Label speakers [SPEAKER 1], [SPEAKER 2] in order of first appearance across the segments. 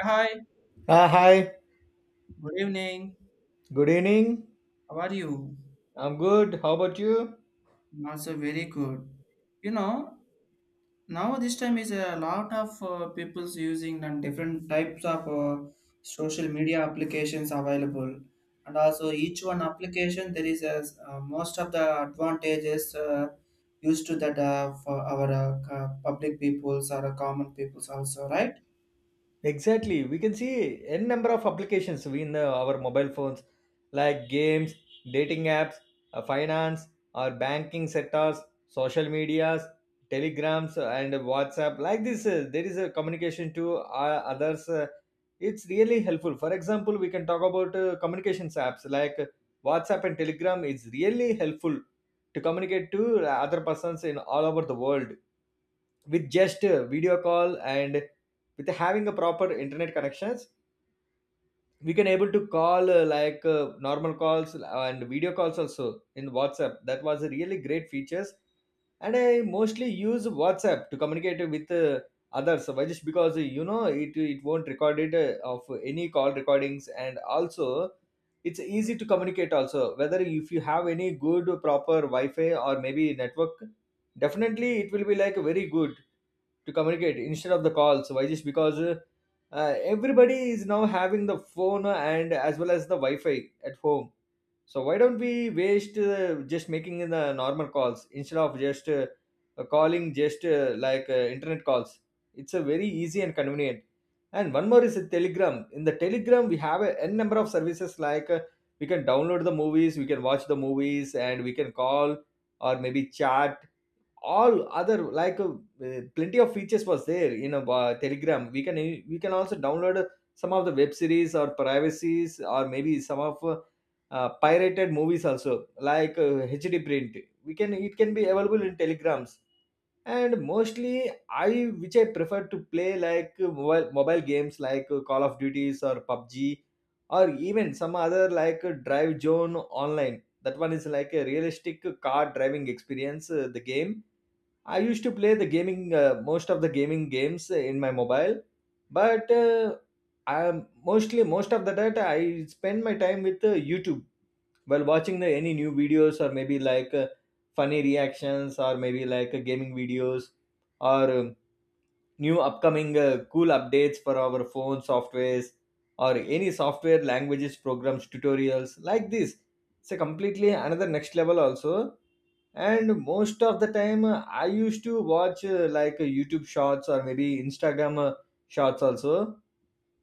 [SPEAKER 1] Yeah, hi,
[SPEAKER 2] Ah, hi.
[SPEAKER 1] good evening.
[SPEAKER 2] Good evening.
[SPEAKER 1] How are you?
[SPEAKER 2] I'm good. How about you?
[SPEAKER 1] I'm also very good. You know, now this time is a lot of people's using and different types of social media applications available, and also each one application there is a most of the advantages used to that for our public peoples or common peoples also, right?
[SPEAKER 2] Exactly. We can see n number of applications in our mobile phones, like games, dating apps, finance, our banking sectors, social medias, telegrams, and WhatsApp. Like this, there is a communication to others. It's really helpful. For example, we can talk about communications apps like WhatsApp and Telegram. It's really helpful to communicate to other persons in all over the world, with just a video call and with having a proper internet connections, we can able to call normal calls and video calls also in whatsapp. That was a really great features, and I mostly use whatsapp to communicate with others. Why? Just because you know it won't record it of any call recordings, and also it's easy to communicate also. Whether if you have any good proper wi-fi or maybe network, definitely it will be like very good to communicate instead of the calls. Why? Just because everybody is now having the phone and as well as the wi-fi at home. So why don't we waste just making the normal calls instead of just calling just like internet calls. It's a very easy and convenient. And one more is a telegram. In the telegram we have a n number of services, like we can download the movies, we can watch the movies, and we can call or maybe chat, all other like plenty of features was there in a telegram. We can also download some of the web series or privacies, or maybe some of pirated movies also, like hd print, we can it can be available in telegrams. And mostly I which I prefer to play like mobile games, like call of duties or pubg, or even some other like drive zone online. That one is like a realistic car driving experience, the game. I used to play the gaming, most of the gaming games in my mobile, but I mostly most of the data I spend my time with YouTube, while watching the any new videos or maybe like funny reactions, or maybe like gaming videos, or new upcoming cool updates for our phone softwares, or any software languages programs tutorials like this. It's a completely another next level also. And most of the time I used to watch youtube shorts, or maybe instagram shorts also.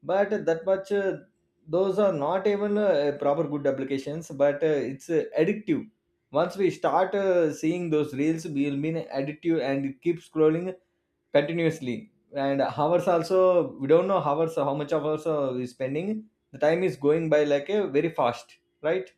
[SPEAKER 2] But that much those are not even proper good applications, but it's addictive. Once we start seeing those reels, we will be addictive and keep scrolling continuously, and hours also, we don't know hours how much of hours we're spending, the time is going by like a very fast, right?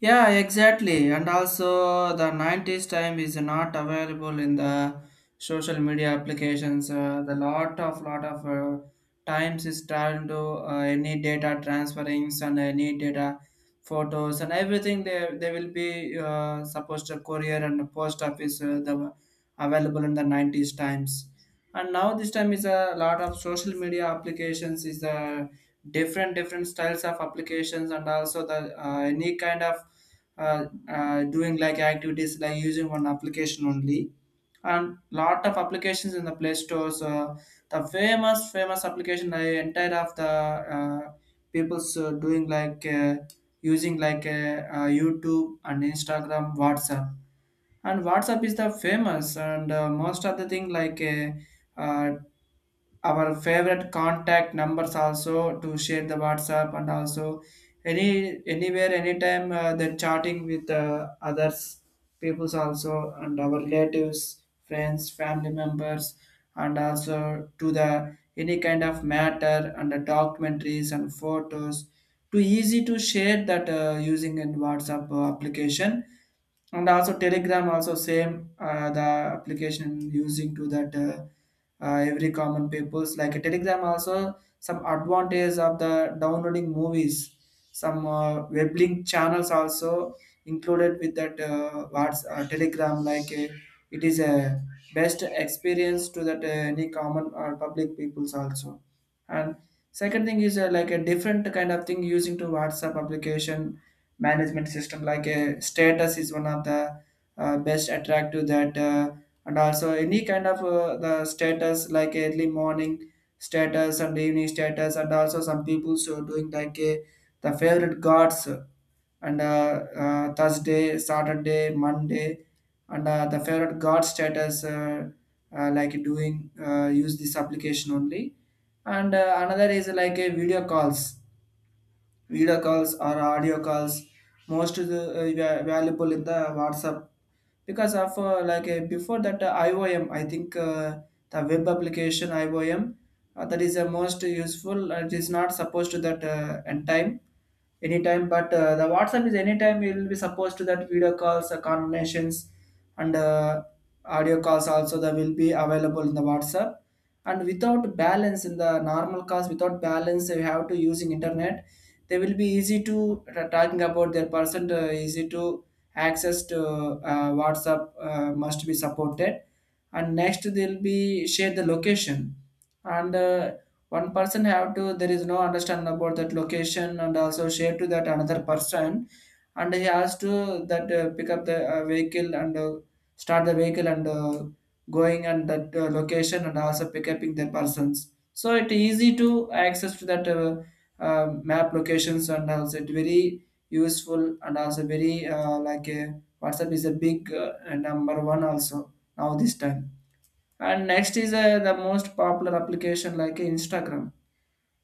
[SPEAKER 1] Yeah, exactly. And also, the 90s time is not available in the social media applications. The lot of times is turned to any data transferings and any data photos and everything. They will be supposed to courier and the post office the available in the 90s times. And now this time is a lot of social media applications is the different styles of applications and also the any kind of doing like activities like using one application only, and lot of applications in the play stores, the famous application I entire of the people's doing like using like YouTube and Instagram, WhatsApp. And WhatsApp is the famous and most of the thing like our favorite contact numbers also to share the WhatsApp, and also any anywhere anytime they're chatting with others peoples also and our relatives friends family members, and also to the any kind of matter and the documentaries and photos too easy to share that using in WhatsApp application. And also Telegram also same, the application using to that every common peoples like Telegram also some advantage of the downloading movies, some web link channels also included with that what's Telegram. Like it is a best experience to that any common or public peoples also. And second thing is like a different kind of thing using to WhatsApp application management system like a status is one of the best attractive that and also any kind of the status like early morning status and evening status, and also some people so doing like a the favorite gods and Thursday Saturday Monday and the favorite god status like doing use this application only. And another is like a video calls, video calls or audio calls most is, valuable in the WhatsApp. Because of like before that IOM, I think the web application IOM, that is the most useful. It is not supposed to that end time anytime, but the WhatsApp is anytime it will be supposed to that video calls conversations and audio calls also, that will be available in the WhatsApp. And without balance in the normal calls, without balance you have to using internet, they will be easy to talking about their person, easy to access to WhatsApp must be supported. And next they'll be share the location, and one person have to there is no understanding about that location and also share to that another person, and he has to that pick up the vehicle and start the vehicle and going and that location and also pick up the persons, so it easy to access to that map locations, and also it very useful, and also very like a WhatsApp is a big number one also now this time. And next is the most popular application like Instagram.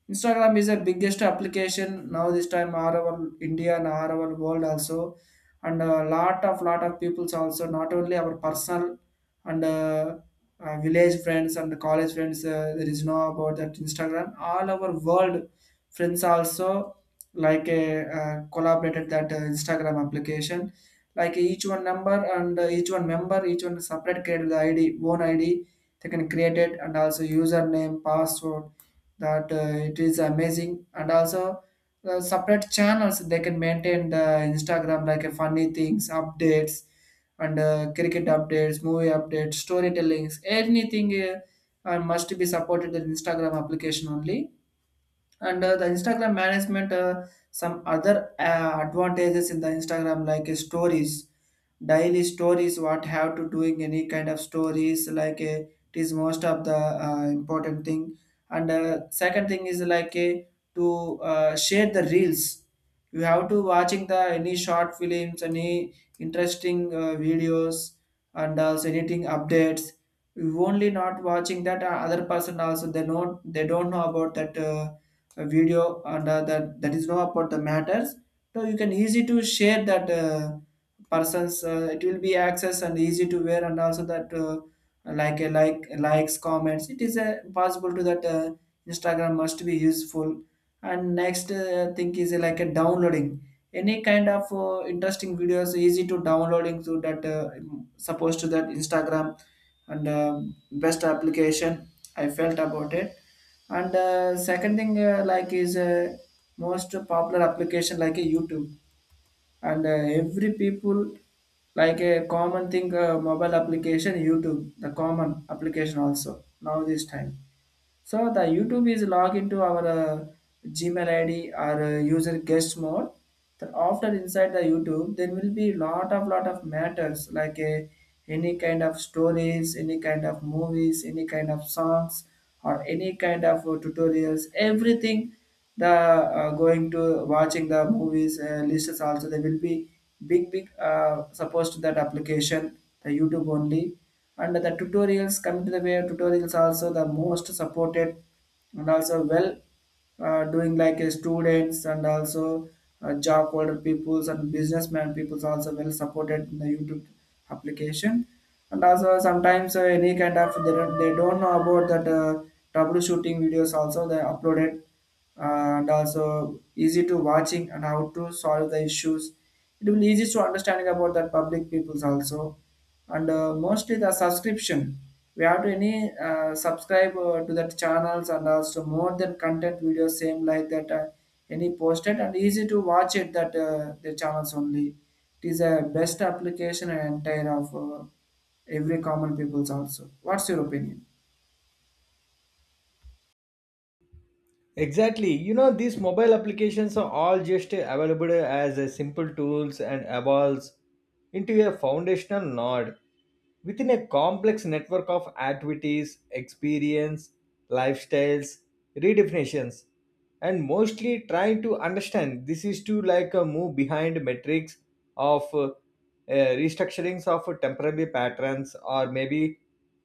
[SPEAKER 1] Instagram is the biggest application now this time all over India and all over world also, and a lot of peoples also not only our personal and village friends and college friends, there is no about that Instagram all our world friends also like a collaborated that Instagram application like each one number and each one member each one separate created the ID own ID they can create it, and also username password that it is amazing. And also separate channels they can maintain the Instagram like funny things updates and cricket updates, movie updates, storytellings, anything must be supported in Instagram application only. And the Instagram management, some other advantages in the Instagram like stories, daily stories, what have to doing any kind of stories like it is most of the important thing. And second thing is like to share the reels. You have to watching the any short films, any interesting videos, and also anything updates. You only not watching that other person also, they don't know about that a video, and that is know about the matters, so you can easy to share that persons, it will be access and easy to wear, and also that like a likes comments, it is possible to that Instagram must be useful. And next thing is like a downloading any kind of interesting videos easy to downloading to that supposed to that Instagram. And best application I felt about it. And second thing, like is most popular application like a YouTube, and every people like a common thing mobile application YouTube, the common application also now this time. So the YouTube is log into our Gmail ID or user guest mode. Then after inside the YouTube, there will be lot of matters like any kind of stories, any kind of movies, any kind of songs, or any kind of tutorials. Everything the going to watching the movies lists also there will be big supposed to that application, the YouTube only. And the tutorials coming to the way of tutorials also the most supported, and also well doing like students and also job holder peoples and businessman peoples also well supported in the YouTube application. And also sometimes any kind of they don't know about that troubleshooting videos also they uploaded, and also easy to watching and how to solve the issues, it will be easy to understanding about that public peoples also. And mostly the subscription, we have to any subscribe to that channels and also more than content videos same like that any posted and easy to watch it that the channels only. It is a best application and entire of every common peoples also. What's your opinion?
[SPEAKER 2] Exactly. You know, these mobile applications are all just available as a simple tools and evolves into a foundational node within a complex network of activities, experience, lifestyles, redefinitions, and mostly trying to understand this is to like move behind metrics of restructurings of temporary patterns, or maybe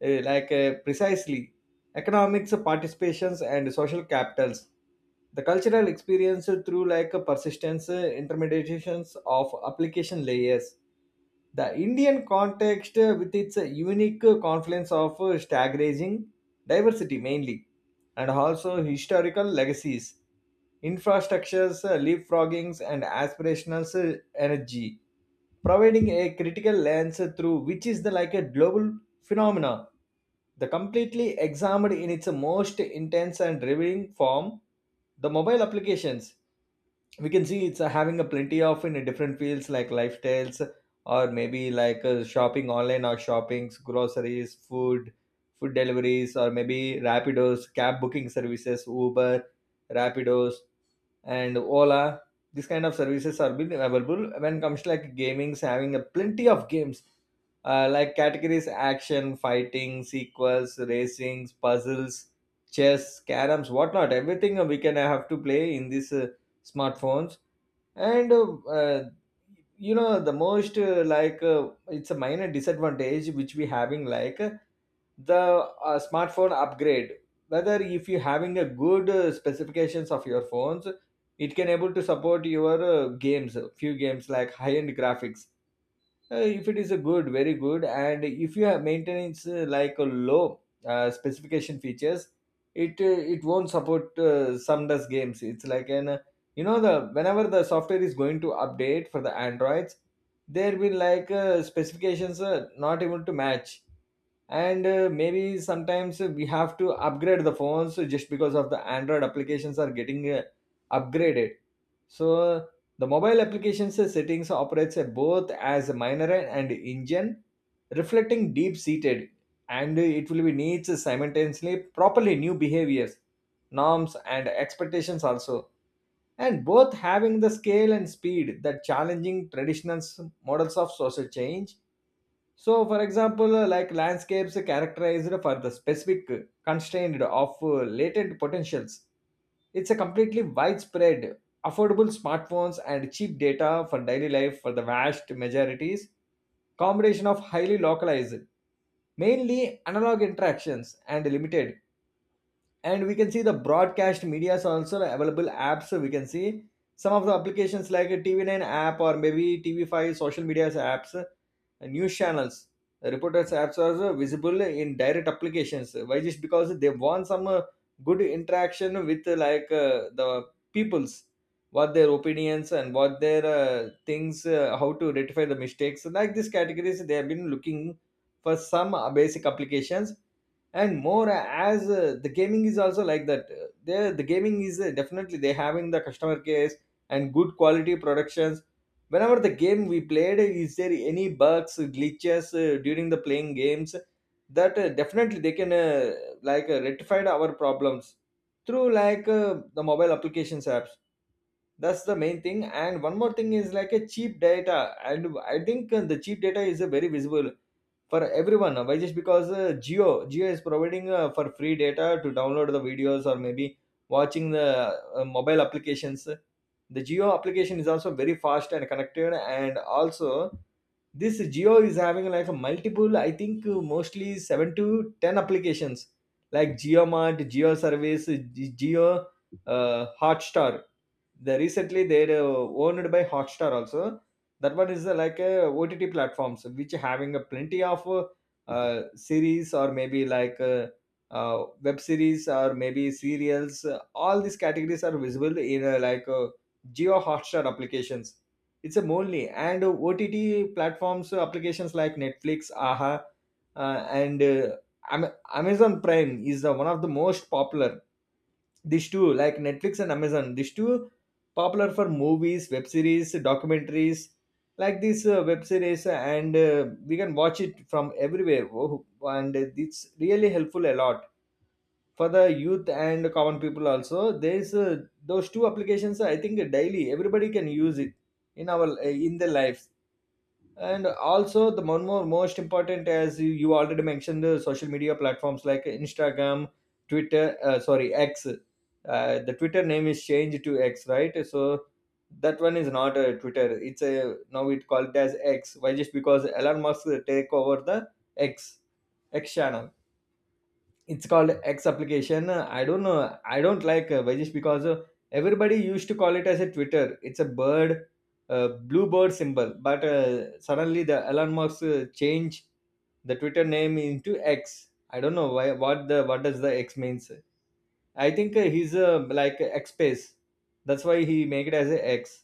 [SPEAKER 2] precisely economics participations and social capitals, the cultural experience through like a persistence intermediations of application layers, the Indian context, with its unique confluence of staggering diversity mainly, and also historical legacies, infrastructures, leapfroggings, and aspirational energy, providing a critical lens through which is the like a global phenomena. The completely examined in its most intense and revealing form, the mobile applications, we can see it's having a plenty of in different fields, like lifestyles, or maybe like shopping online, or shoppings, groceries, food deliveries, or maybe rapidos, cab booking services, uber, rapidos, and ola. These kind of services are been available. When it comes to like gaming, so having a plenty of games, like categories, action, fighting sequels, racings, puzzles, chess, caroms, whatnot, everything we can have to play in this smartphones. And you know the most it's a minor disadvantage which we having, like the smartphone upgrade, whether if you having a good specifications of your phones, it can able to support your games, few games like high end graphics, if it is a good, very good, and if you have maintenance like a low specification features, it won't support some does games. It's like an you know, the whenever the software is going to update for the androids, there will like specifications not able to match. And maybe sometimes we have to upgrade the phones, just because of the android applications are getting upgraded. So the mobile applications settings operates both as a minor and engine, reflecting deep seated, and it will be needs simultaneously properly new behaviors, norms and expectations also, and both having the scale and speed that challenging traditional models of social change. So, for example, like landscapes characterized for the specific constraint of latent potentials. It's a completely widespread, affordable smartphones and cheap data for daily life for the vast majorities. Combination of highly localized, mainly analog interactions and limited, and we can see the broadcast media is also available apps. So we can see some of the applications like a tv9 app, or maybe tv5 social media apps, news channels, the reporters apps are also visible in direct applications. Why? Just because they want some good interaction with the peoples, what their opinions and what their things, how to rectify the mistakes. So like these categories they have been looking for some basic applications. And more as the gaming is also like that. There the gaming is definitely they having the customer case and good quality productions, whenever the game we played is there any bugs glitches during the playing games, that definitely they can rectified our problems through like the mobile applications apps. That's the main thing. And one more thing is like a cheap data. And I think the cheap data is a very visible for everyone. Why? Just because geo is providing for free data to download the videos, or maybe watching the mobile applications. The geo application is also very fast and connected, and also this geo is having like a multiple, I think mostly 7 to 10 applications, like Geo Mart, geo service, geo hotstar, they recently they're owned by Hotstar also. That one is like a OTT platforms, which having a plenty of series, or maybe like web series, or maybe serials. All these categories are visible in Geo Hotstar applications. It's a only and OTT platforms applications, like Netflix, Aha, and Amazon Prime is the one of the most popular. These two, like netflix and amazon, these two popular for movies, web series, documentaries, like this web series. And we can watch it from everywhere. Oh, and it's really helpful a lot for the youth and common people also. There's those two applications, I think daily everybody can use it in our in their life. And also the one more most important, as you already mentioned, the social media platforms like instagram, twitter, sorry, x, the twitter name is changed to x, right? So that one is not a twitter, it's a now it called as x. Why? Just because elon musk take over the x x channel. It's called X application. I don't know. I don't like Vajish, because everybody used to call it as a Twitter. It's a bird, blue bird symbol. But suddenly the Elon Musk changed the Twitter name into X. I don't know why. What the what does the X means? I think he's like X space. That's why he make it as a X.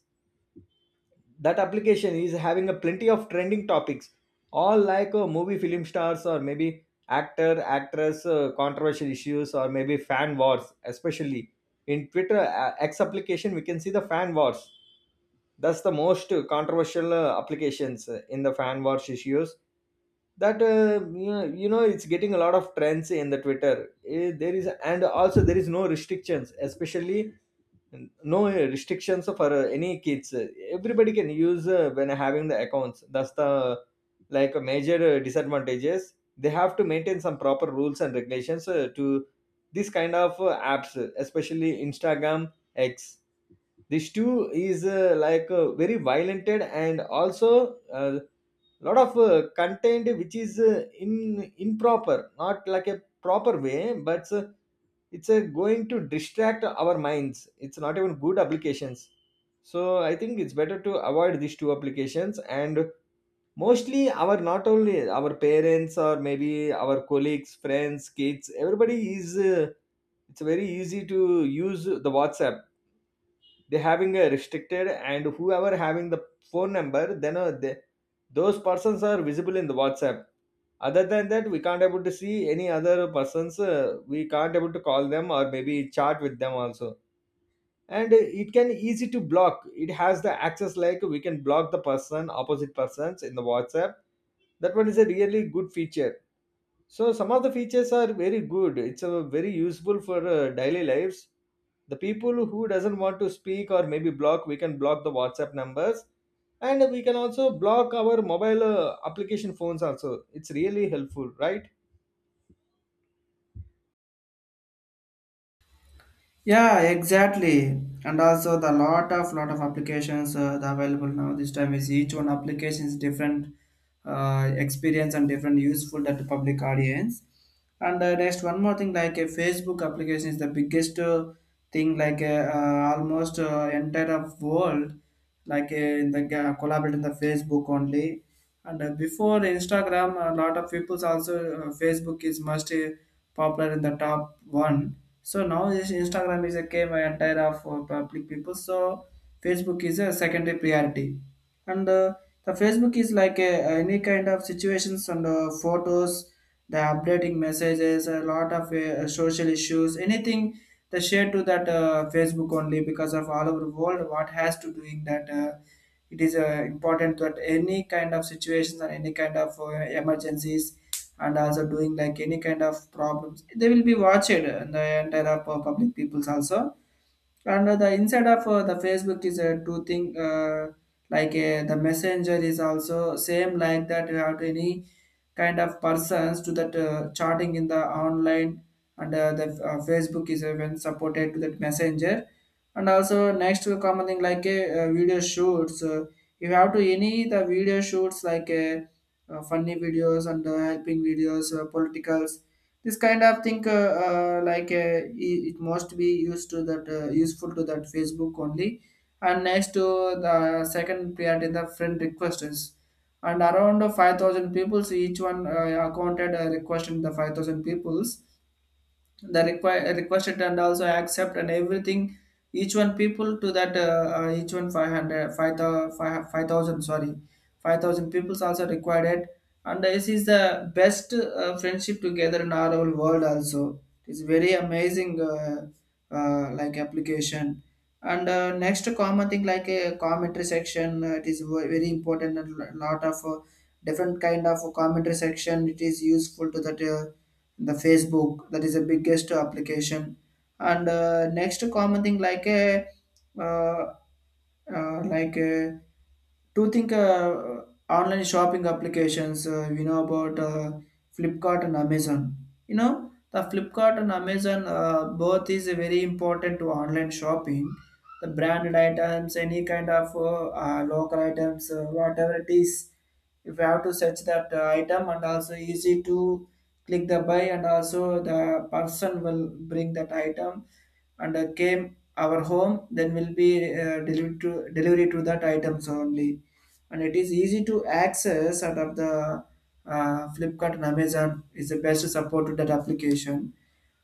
[SPEAKER 2] That application is having a plenty of trending topics all like movie film stars, or maybe actor actress, controversial issues, or maybe fan wars, especially in Twitter, X application, we can see the fan wars. That's the most controversial applications in the fan wars issues. That you know, It's getting a lot of trends in the Twitter. There is, and also there is no restrictions, especially no restrictions for any kids. Everybody can use when having the accounts. That's the like a major disadvantages. They have to maintain some proper rules and regulations to this kind of apps, especially Instagram, X. This too is like very violated, and also a lot of content which is in improper, not like a proper way, but it's a going to distract our minds. It's not even good applications. So I think it's better to avoid these two applications. And mostly our, not only our parents or maybe our colleagues, friends, kids, everybody is it's very easy to use the WhatsApp. They having a restricted, and whoever having the phone number, then they, those persons are visible in the WhatsApp. Other than that, we can't able to see any other persons. We can't able to call them or maybe chat with them also. And It can easy to block. It has the access like we can block the person, opposite persons in the WhatsApp. That one is a really good feature. So some of the features are very good. It's a very useful for daily lives. The people who doesn't want to speak or maybe block, we can block the WhatsApp numbers, and we can also block our mobile application phones also. It's really helpful, right?
[SPEAKER 1] Yeah, exactly. And also the lot of applications the available now this time is each one application is different experience and different useful that the public audience. And next one more thing like a Facebook application is the biggest thing like almost entire of world like in the collaborate in the Facebook only. And before Instagram, a lot of people's also Facebook is most popular in the top one. So now this Instagram is a came entire of public people. So Facebook is a secondary priority. And the Facebook is like a any kind of situations and photos, the updating messages, a lot of social issues, anything they share to that Facebook only, because of all over the world what has to doing that it is important that any kind of situations or any kind of emergencies, and also doing like any kind of problems they will be watched the entire public peoples also. And the inside of the Facebook is a two thing, like the Messenger is also same like that. You have to any kind of persons to that chatting in the online, and the Facebook is even supported to that Messenger. And also next to common thing like a video shoots, you have to any the video shoots like funny videos and helping videos, politicals, this kind of thing like it must be used to that useful to that Facebook only. And next to the second priority, the friend requests and around 5,000 peoples. Each one accounted requested the 5,000 peoples the require requested and also accept and everything. Each one people to that each one 500 5,000 sorry 5,000 peoples also required it, and this is the best friendship together in our whole world also. It's very amazing like application. And next common thing like a commentary section, it is very important, and lot of different kind of commentary section it is useful to that the Facebook, that is the biggest application. And next common thing like a uh, like do think online shopping applications, you know about Flipkart and Amazon. You know the Flipkart and Amazon, both is very important to online shopping, the branded items, any kind of local items, whatever it is, if you have to search that item, and also easy to click the buy, and also the person will bring that item and came our home, then will be delivered to delivery to that items only. And it is easy to access out of the Flipkart and Amazon is the best support to that application.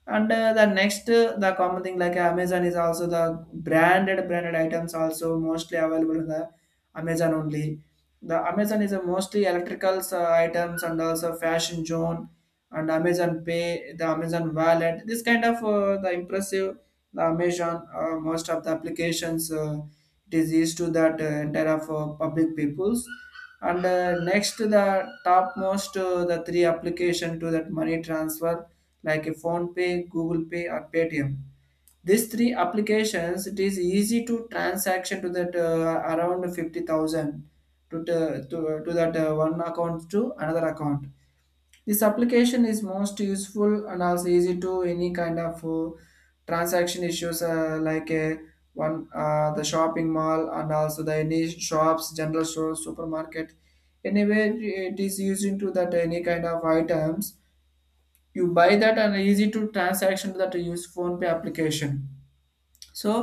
[SPEAKER 1] And the next, the common thing like Amazon is also the branded items also mostly available in the Amazon only. The Amazon is a mostly electricals items and also fashion zone, and Amazon Pay, the Amazon Wallet. This kind of the impressive, the Amazon most of the applications it is used to that entire of public peoples. And next, the topmost the three application to that money transfer like a phone pay google Pay, or Paytm. These three applications it is easy to transaction to that around 50,000 to, to that one account to another account. This application is most useful and also easy to any kind of transaction issues like a one the shopping mall, and also the any shops, general stores, supermarket, anywhere, it is used into that any kind of items you buy that, and easy to transaction that you use phone pay application. So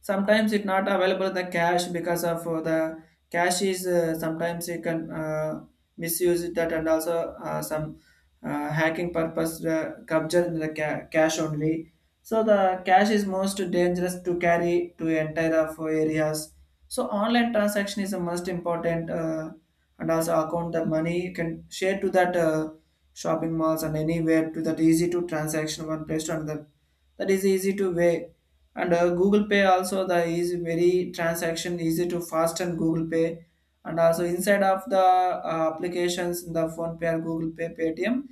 [SPEAKER 1] sometimes it not available the cash, because of the cash is sometimes you can misuse it that, and also some hacking purpose capture the cash only. So the cash is most dangerous to carry to entire of areas. So online transaction is the most important, and also account the money you can share to that shopping malls and anywhere to that easy to transaction one place to another, that is easy to way. And Google Pay also the is very transaction easy to fast and Google Pay. And also inside of the applications in the phone pay or Google Pay, Paytm,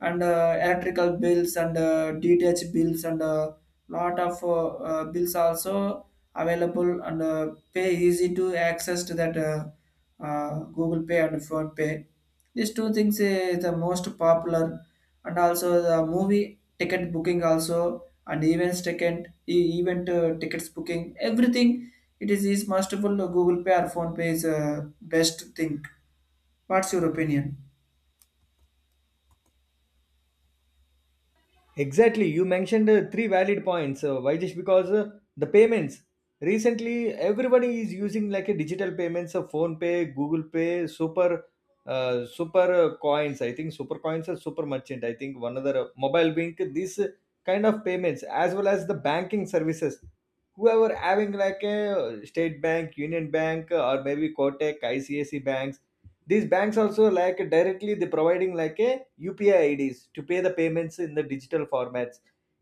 [SPEAKER 1] and electrical bills and DTH bills and lot of bills also available, and pay easy to access to that Google Pay and phone pay these two things the most popular. And also the movie ticket booking also, and events ticket event tickets booking, everything it is mustable Google Pay or phone pay is best thing. What's your opinion?
[SPEAKER 2] Exactly. You mentioned three valid points. Why? Just because the payments, recently everybody is using like a digital payments of Phone Pay, Google Pay, super, super coins. I think super coins are super merchant. I think one other mobile bank. This kind of payments as well as the banking services. Whoever having like a State Bank, Union Bank, or maybe Kotak, ICIC banks, these banks also like directly they providing like a UPI IDs to pay the payments in the digital formats.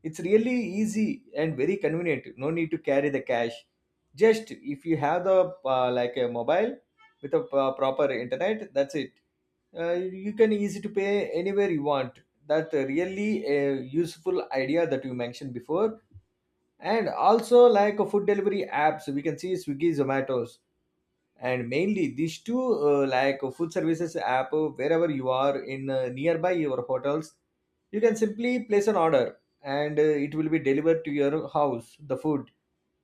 [SPEAKER 2] It's really easy and very convenient. No need to carry the cash. Just if you have the like a mobile with a proper internet, that's it. uh, you can easy to pay anywhere you want. That really a useful idea that you mentioned before. And also like a food delivery apps, we can see Swiggy, Zomatos. And mainly these two like food services app, wherever you are in nearby your hotels, you can simply place an order, and it will be delivered to your house, the food,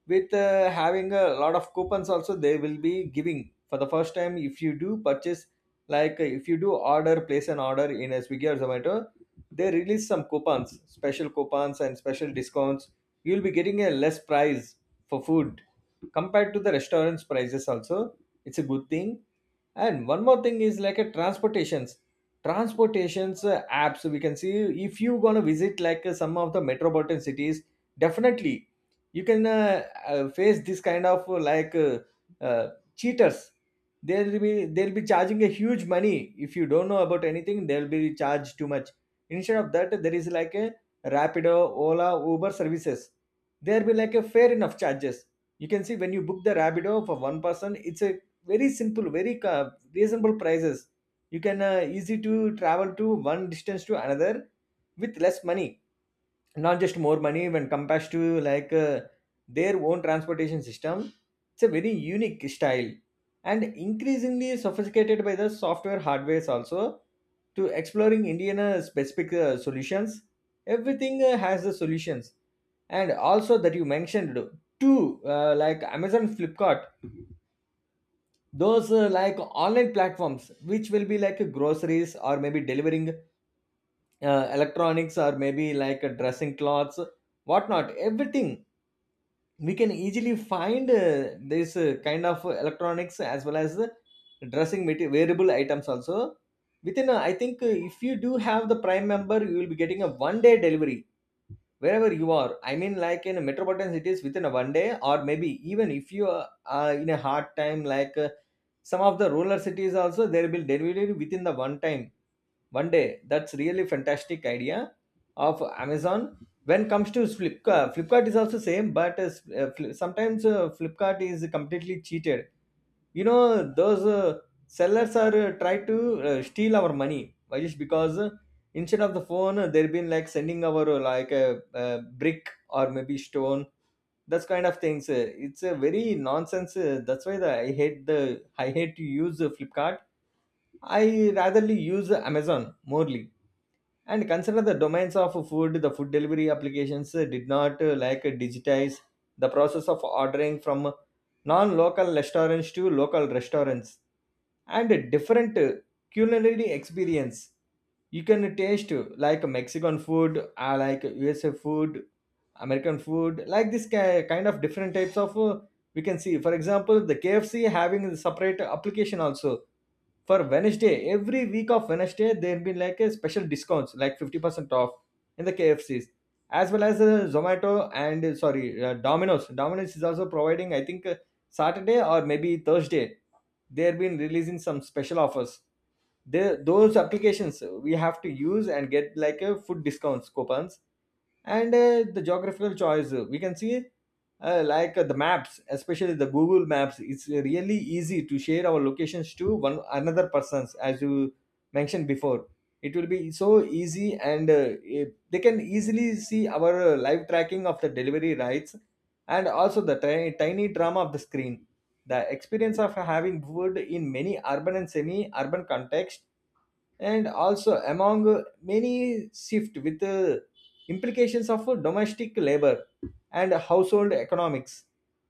[SPEAKER 2] with having a lot of coupons also they will be giving for the first time if you do purchase. Like if you do order, place an order in a Swiggy or Zomato, they release some coupons, special coupons and special discounts. You'll be getting a less price for food, compared to the restaurants prices also. It's a good thing. And one more thing is like a transportations. Transportations apps, we can see. If you gonna visit like some of the metropolitan cities, definitely you can face this kind of like uh, cheaters. They'll be charging a huge money. If you don't know about anything, they'll be charged too much. Instead of that, there is like a Rapido, Ola, Uber services. There be like a fair enough charges. You can see when you book the Rapido for one person, it's a very simple, very reasonable prices. You can easy to travel to one distance to another with less money, not just more money when compared to like their own transportation system. It's a very unique style, and increasingly sophisticated by the software hardwares also, to exploring Indian specific solutions. Everything has the solutions. And also that you mentioned too, like Amazon, Flipkart, those like online platforms, which will be like groceries, or maybe delivering electronics, or maybe like dressing clothes, whatnot, everything, we can easily find this kind of electronics as well as the dressing material, wearable items also. Within I think if you do have the prime member, you will be getting a 1 day delivery. Wherever you are, I mean, like in metropolitan cities within a 1 day, or maybe even if you are in a hard time, like some of the rural cities also, there will delivery within the one time, 1 day. That's really fantastic idea of Amazon. When comes to Flipkart, Flipkart is also same, but sometimes Flipkart is completely cheated, you know. Those sellers are try to steal our money. Why? Just because instead of the phone they've been like sending our like a brick or maybe stone. That's kind of things, it's a very nonsense, that's why I hate to use Flipkart. I ratherly use Amazon morely. And consider the domains of food, the food delivery applications did not like digitize the process of ordering from non-local restaurants to local restaurants, and a different culinary experience. You can taste like Mexican food, like USA food, American food, like this kind of different types of we can see. For example, the KFC having a separate application also. For Wednesday, every week of Wednesday, there been like a special discounts, like 50% off in the KFCs, as well as Zomato and Domino's. Domino's is also providing, I think, Saturday or maybe Thursday. They've been releasing some special offers. They, those applications we have to use and get like a food discounts coupons. And the geographical choice, we can see like the maps, especially the Google Maps. It's really easy to share our locations to one another persons, as you mentioned before. It will be so easy, and they can easily see our live tracking of the delivery rights, and also the tiny drama of the screen, the experience of having food in many urban and semi urban context, and also among many shift with implications of domestic labor and household economics.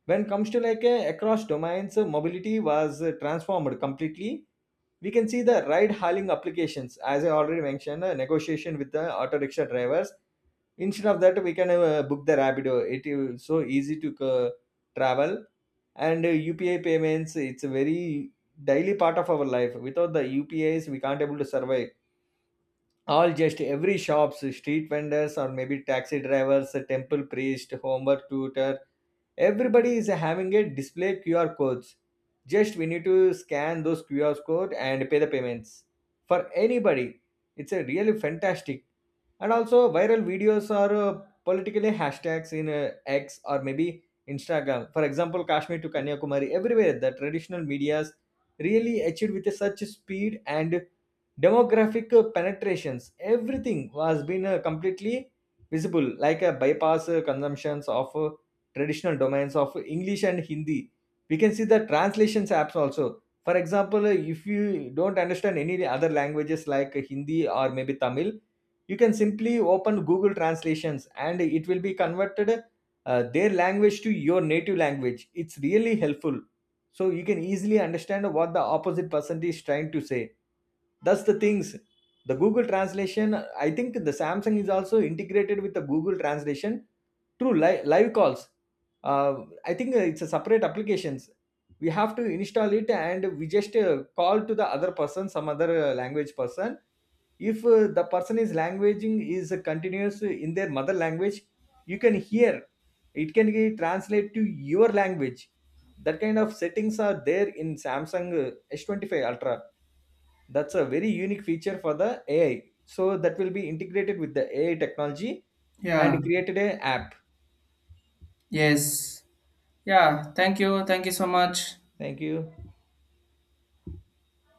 [SPEAKER 2] When comes to like across domains, mobility was transformed completely. We can see the ride hailing applications, as I already mentioned, negotiation with the auto rickshaw drivers. Instead of that, we can book the Rapido. It is so easy to travel. And UPI payments, it's a very daily part of our life. Without the UPIs, we can't able to survive. All just every shops, street vendors, or maybe taxi drivers, a temple priest, homework tutor, everybody is having a display QR codes. Just we need to scan those QR code and pay the payments for anybody. It's a really fantastic. And also viral videos, or politically hashtags in X, or maybe Instagram. For example, Kashmir to Kanyakumari, everywhere the traditional medias really achieved with such speed and demographic penetrations. Everything was been completely visible, like a bypass consumptions of traditional domains of English and Hindi. We can see the translations apps also. For example, if you don't understand any other languages like Hindi or maybe Tamil, you can simply open Google Translations, and it will be converted their language to your native language. It's really helpful. So you can easily understand what the opposite person is trying to say. That's the things, the Google Translation. I think the Samsung is also integrated with the Google Translation through live calls. uh, I think it's a separate applications. We have to install it, and we just call to the other person, some other language person. If the person is languaging is continuous in their mother language, you can hear, it can be translate to your language. That kind of settings are there in Samsung s25 ultra. That's a very unique feature for the AI. So that will be integrated with the AI technology
[SPEAKER 1] Yeah.
[SPEAKER 2] and created a app.
[SPEAKER 1] Yes. Yeah, thank you, thank you so much.
[SPEAKER 2] Thank you.